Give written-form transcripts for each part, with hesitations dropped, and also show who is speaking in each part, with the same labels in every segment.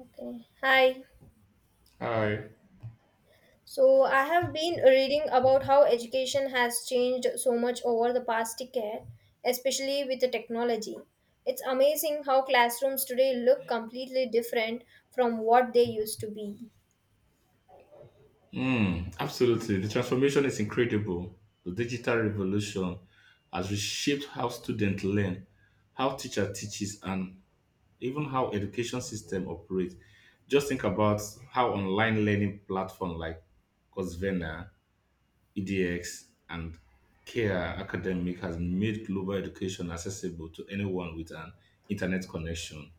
Speaker 1: Okay. Hi.
Speaker 2: Hi.
Speaker 1: So I have been reading about how education has changed so much over the past decade, especially with the technology. It's amazing how classrooms today look completely different from what they used to be.
Speaker 2: Mm, absolutely. The transformation is incredible. The digital revolution has reshaped how students learn, how teacher teaches, and even how education system operates. Just think about how online learning platform like Coursera, EDX, and Care Academic has made global education accessible to anyone with an internet connection.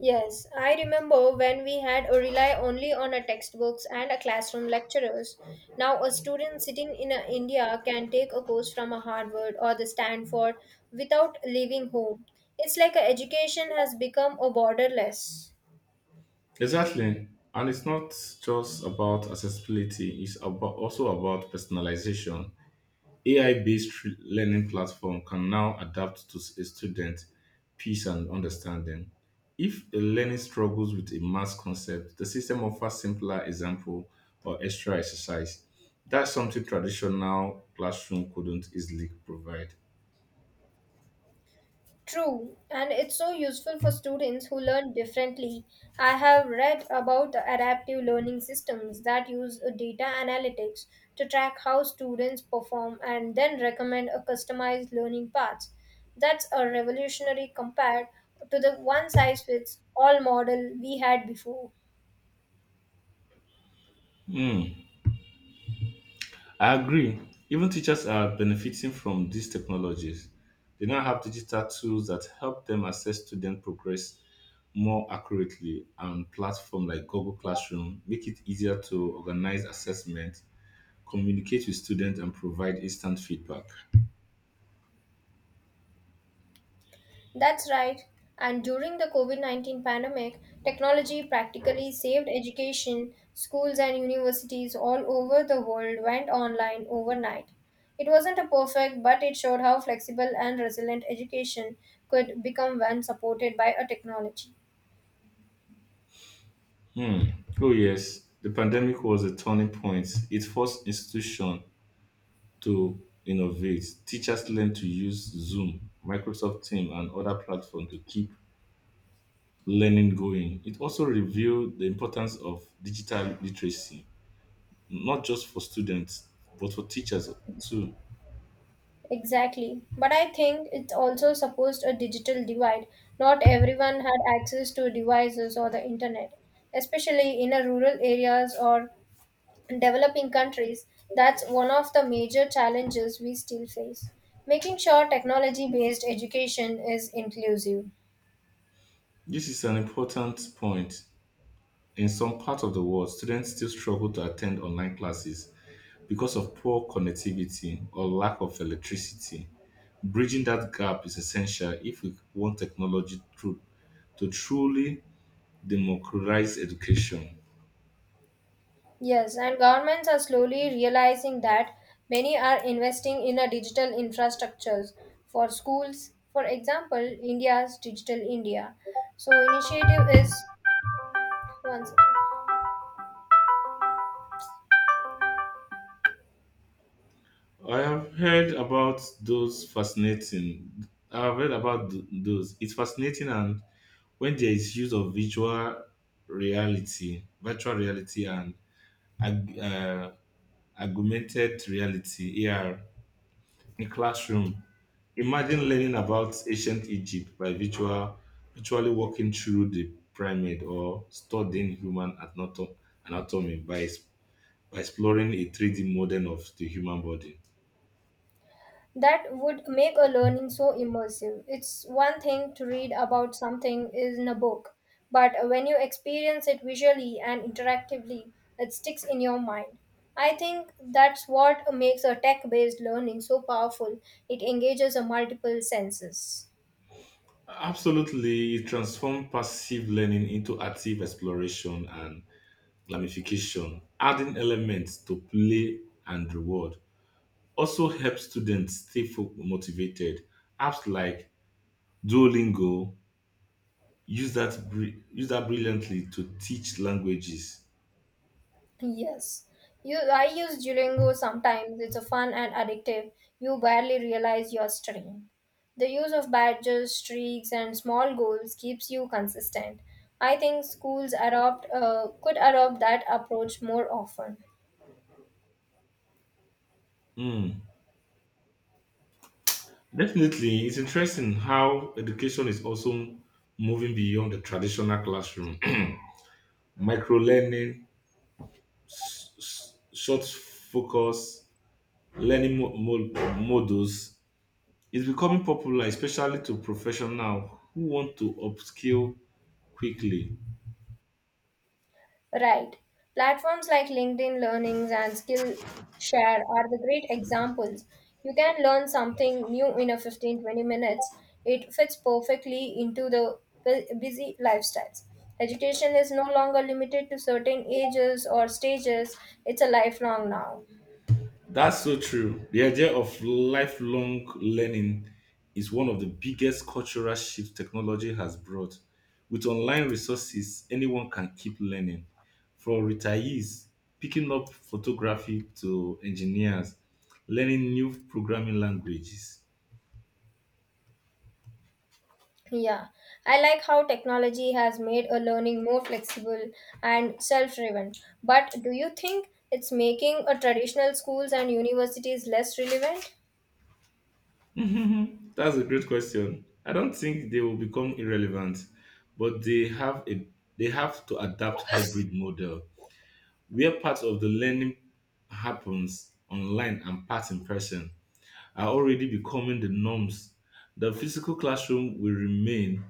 Speaker 1: Yes, I remember when we had a rely only on a textbooks and a classroom lecturers. Now a student sitting in a India can take a course from a Harvard or the Stanford without leaving home. It's like a education has become a borderless.
Speaker 2: Exactly. And it's not just about accessibility, it's about also about personalization. AI-based learning platform can now adapt to a student peace and understanding. If a learner struggles with a math concept, the system offers simpler example or extra exercise. That's something traditional classroom couldn't easily provide.
Speaker 1: True, and it's so useful for students who learn differently. I have read about the adaptive learning systems that use data analytics to track how students perform and then recommend a customized learning paths. That's a revolutionary compared to the one size fits all model we had before.
Speaker 2: Hmm. I agree. Even teachers are benefiting from these technologies. They now have digital tools that help them assess student progress more accurately, and platforms like Google Classroom make it easier to organize assessment, communicate with students, and provide instant feedback.
Speaker 1: That's right. And during the COVID COVID-19 pandemic, technology practically saved education. Schools and universities all over the world went online overnight. It wasn't a perfect, but it showed how flexible and resilient education could become when supported by a technology.
Speaker 2: Hmm. Oh yes, the pandemic was a turning point. It forced institutions to innovate. Teachers learned to use Zoom, Microsoft Teams, and other platforms to keep learning going. It also revealed the importance of digital literacy, not just for students, but for teachers too.
Speaker 1: Exactly. But I think it also supposed a digital divide. Not everyone had access to devices or the internet, especially in a rural areas or developing countries, that's one of the major challenges we still face. Making sure technology based education is inclusive.
Speaker 2: This is an important point. In some parts of the world, students still struggle to attend online classes because of poor connectivity or lack of electricity. Bridging that gap is essential if we want technology to truly democratize education.
Speaker 1: Yes, and governments are slowly realizing that many are investing in a digital infrastructures for schools. For example, India's Digital India. So initiative is one second.
Speaker 2: I have heard about those fascinating. I've heard about those. It's fascinating, and when there is use of virtual reality, and ag- uh, augmented reality (AR) in classroom, imagine learning about ancient Egypt by virtually walking through the pyramid or studying anatomy by exploring a 3D model of the human body.
Speaker 1: That would make a learning so immersive. It's one thing to read about something in a book, but when you experience it visually and interactively, it sticks in your mind. I think that's what makes a tech based learning so powerful. It engages a multiple senses.
Speaker 2: Absolutely, it transformed passive learning into active exploration and gamification, adding elements to play and reward. Also helps students stay motivated. Apps like Duolingo use that brilliantly to teach languages.
Speaker 1: Yes. You, I use Duolingo sometimes. It's a fun and addictive. You barely realize you're studying. The use of badges, streaks, and small goals keeps you consistent. I think schools adopt could adopt that approach more often.
Speaker 2: Mm. Definitely, it's interesting how education is also moving beyond the traditional classroom. Microlearning, learning, short focus, learning models is becoming popular, especially to professionals who want to upskill quickly.
Speaker 1: Right. Platforms like LinkedIn Learnings and Skillshare are the great examples. You can learn something new in a 15-20 minutes. It fits perfectly into the busy lifestyles. Education is no longer limited to certain ages or stages, it's a lifelong now.
Speaker 2: That's so true. The idea of lifelong learning is one of the biggest cultural shifts technology has brought. With online resources, anyone can keep learning. From retirees picking up photography to engineers learning new programming languages.
Speaker 1: Yeah, I like how technology has made a learning more flexible and self driven. But do you think it's making a traditional schools and universities less relevant?
Speaker 2: Mhm. That's a great question. I don't think they will become irrelevant, but they have to adapt hybrid model where parts of the learning happens online and parts in person are already becoming the norms. The physical classroom will remain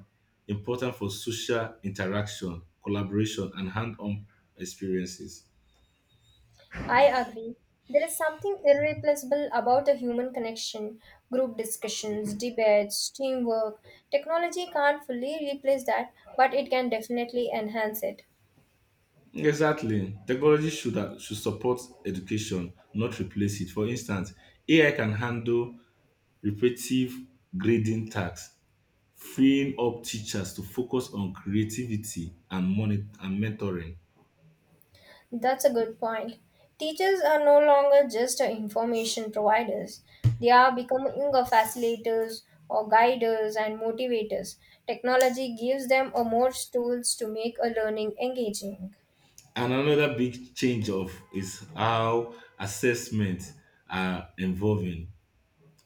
Speaker 2: important for social interaction, collaboration, and hand-on experiences.
Speaker 1: I agree. There is something irreplaceable about a human connection, group discussions, debates, teamwork. Technology can't fully replace that, but it can definitely enhance it.
Speaker 2: Exactly. Technology should support education, not replace it. For instance, AI can handle repetitive grading tasks freeing up teachers to focus on creativity and mentoring.
Speaker 1: That's a good point. Teachers are no longer just information providers, they are becoming a facilitators or guiders and motivators. Technology gives them a more tools to make a learning engaging.
Speaker 2: And another big change of is how assessment are involving.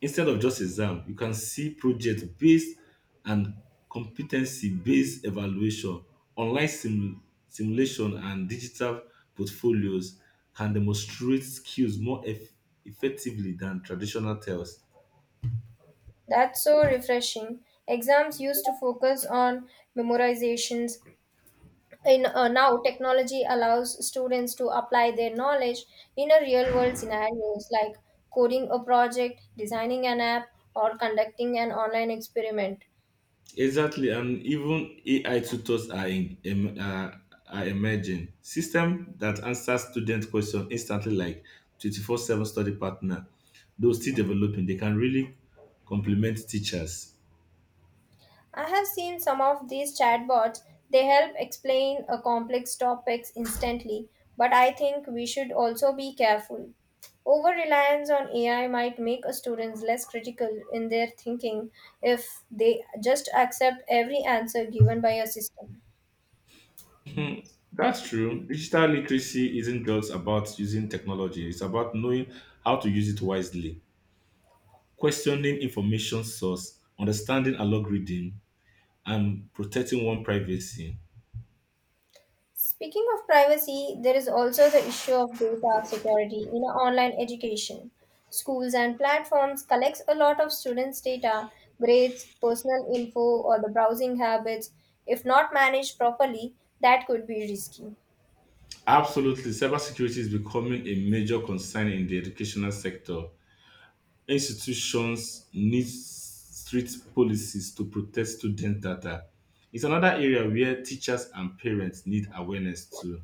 Speaker 2: Instead of just exam, you can see project based and competency based evaluation, online simu- simulation and digital portfolios can demonstrate skills effectively than traditional tests.
Speaker 1: That's so refreshing. Exams used to focus on memorizations. In Now, technology allows students to apply their knowledge in a real-world scenarios like coding a project, designing an app, or conducting an online experiment.
Speaker 2: Exactly, and even AI tutors are emerging. System that answer student question instantly, like 24/7 study partner, though still developing, they can really complement teachers.
Speaker 1: I have seen some of these chatbots. They help explain a complex topics instantly, but I think we should also be careful. Over reliance on AI might make a students less critical in their thinking if they just accept every answer given by a system.
Speaker 2: That's true. Digital literacy isn't just about using technology; it's about knowing how to use it wisely, questioning information source, understanding algorithm, and protecting one privacy.
Speaker 1: Speaking of privacy, there is also the issue of data security in online education. Schools and platforms collect a lot of students' data, grades, personal info, or the browsing habits. If not managed properly, that could be risky.
Speaker 2: Absolutely, cybersecurity is becoming a major concern in the educational sector. Institutions need strict policies to protect student data. It's another area where teachers and parents need awareness too.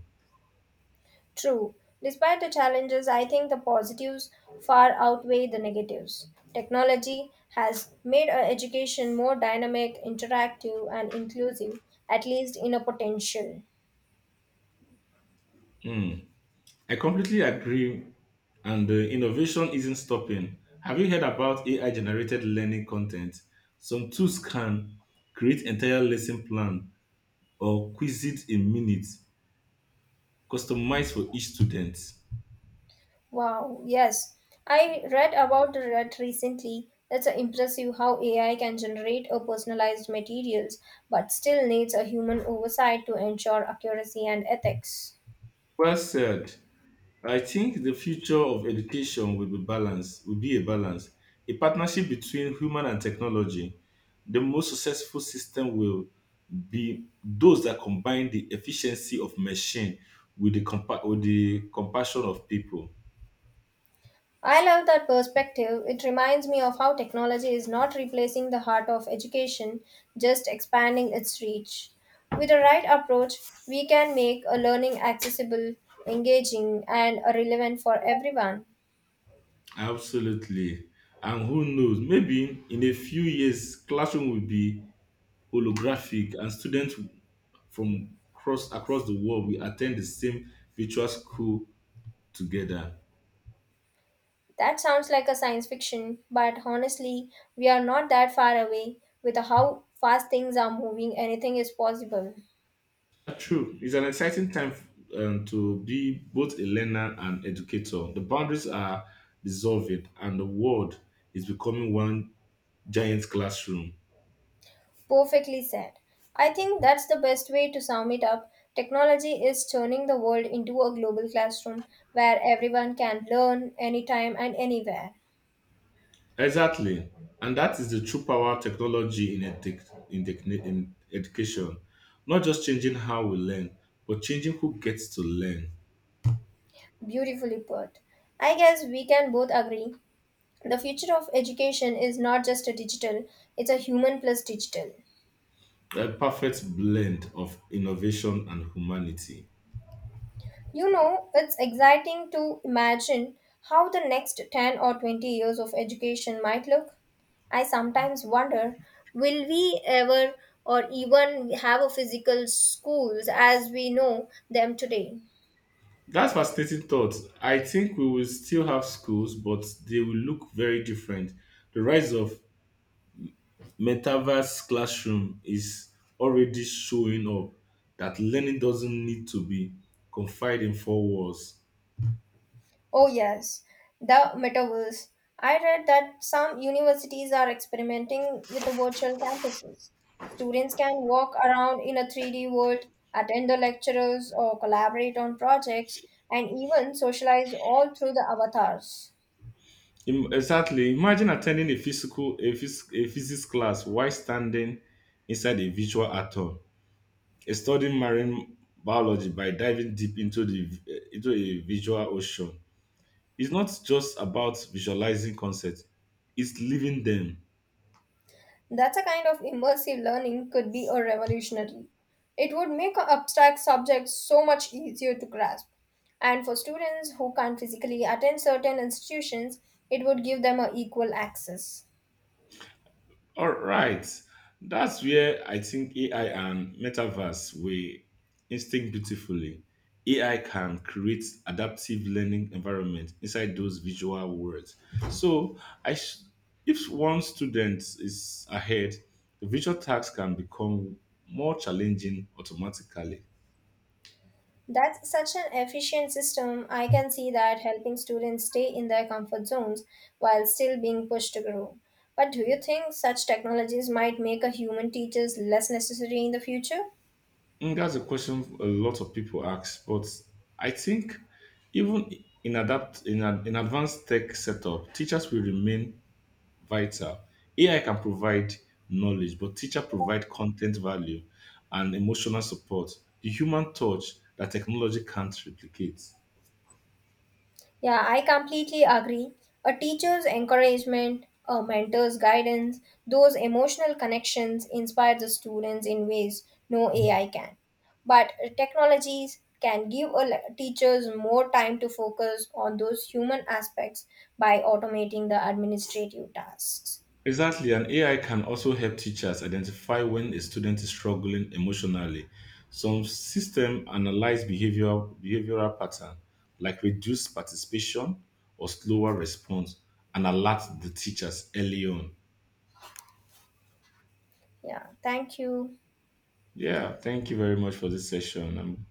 Speaker 1: True. Despite the challenges, I think the positives far outweigh the negatives. Technology has made our education more dynamic, interactive, and inclusive, at least in a potential.
Speaker 2: Hmm, I completely agree, and the innovation isn't stopping. Have you heard about AI generated learning content? Some tools can create entire lesson plan or quiz it in minutes, customized for each student.
Speaker 1: Wow, yes. I read about that recently. It's impressive how AI can generate a personalized materials, but still needs a human oversight to ensure accuracy and ethics.
Speaker 2: Well said. I think the future of education will be balance, will be a balance, a partnership between human and technology. The most successful system will be those that combine the efficiency of machine with the compassion of people.
Speaker 1: I love that perspective. It reminds me of how technology is not replacing the heart of education, just expanding its reach. With the right approach, we can make a learning accessible, engaging, and relevant for everyone.
Speaker 2: Absolutely. And who knows, maybe in a few years, classroom will be holographic and students from across the world will attend the same virtual school together.
Speaker 1: That sounds like a science fiction, but honestly, we are not that far away. With how fast things are moving, anything is possible.
Speaker 2: True. It's an exciting time to be both a learner and educator. The boundaries are dissolving, and the world is becoming one giant classroom.
Speaker 1: Perfectly said. I think that's the best way to sum it up. Technology is turning the world into a global classroom where everyone can learn anytime and anywhere.
Speaker 2: Exactly. And that is the true power of technology in education. Not just changing how we learn, but changing who gets to learn.
Speaker 1: Beautifully put. I guess we can both agree the future of education is not just a digital, it's a human plus digital.
Speaker 2: A perfect blend of innovation and humanity.
Speaker 1: You know, it's exciting to imagine how the next 10 or 20 years of education might look. I sometimes wonder, will we ever or even have a physical schools as we know them today?
Speaker 2: That's fascinating thought. I think we will still have schools, but they will look very different. The rise of metaverse classroom is already showing up that learning doesn't need to be confined in four walls.
Speaker 1: Oh, yes, the metaverse. I read that some universities are experimenting with the virtual campuses. Students can walk around in a 3D world, attend the lectures, or collaborate on projects, and even socialize all through the avatars.
Speaker 2: Exactly. Imagine attending a physics class while standing inside a virtual atom, a studying marine biology by diving deep into a visual ocean. It's not just about visualizing concepts, it's living them.
Speaker 1: That's a kind of immersive learning could be a revolutionary. It would make abstract subjects so much easier to grasp. And for students who can't physically attend certain institutions, it would give them a equal access.
Speaker 2: All right. That's where I think AI and metaverse will instinct beautifully. AI can create adaptive learning environment inside those visual worlds. So, I sh- if one student is ahead, the visual task can become more challenging automatically.
Speaker 1: That's such an efficient system. I can see that helping students stay in their comfort zones while still being pushed to grow. But do you think such technologies might make a human teachers less necessary in the future?
Speaker 2: Mm, that's a question a lot of people ask, but I think even in adapt in an in advanced tech setup, teachers will remain vital. AI can provide knowledge, but teacher provide content value and emotional support, the human touch that technology can't replicate.
Speaker 1: Yeah, I completely agree. A teacher's encouragement, a mentor's guidance, those emotional connections inspire the students in ways no AI can. But technologies can give teachers more time to focus on those human aspects by automating the administrative tasks.
Speaker 2: Exactly, and AI can also help teachers identify when a student is struggling emotionally. Some system analyze behavioral pattern, like reduced participation or slower response, and alert the teachers early on.
Speaker 1: Yeah, thank you.
Speaker 2: Yeah, thank you very much for this session.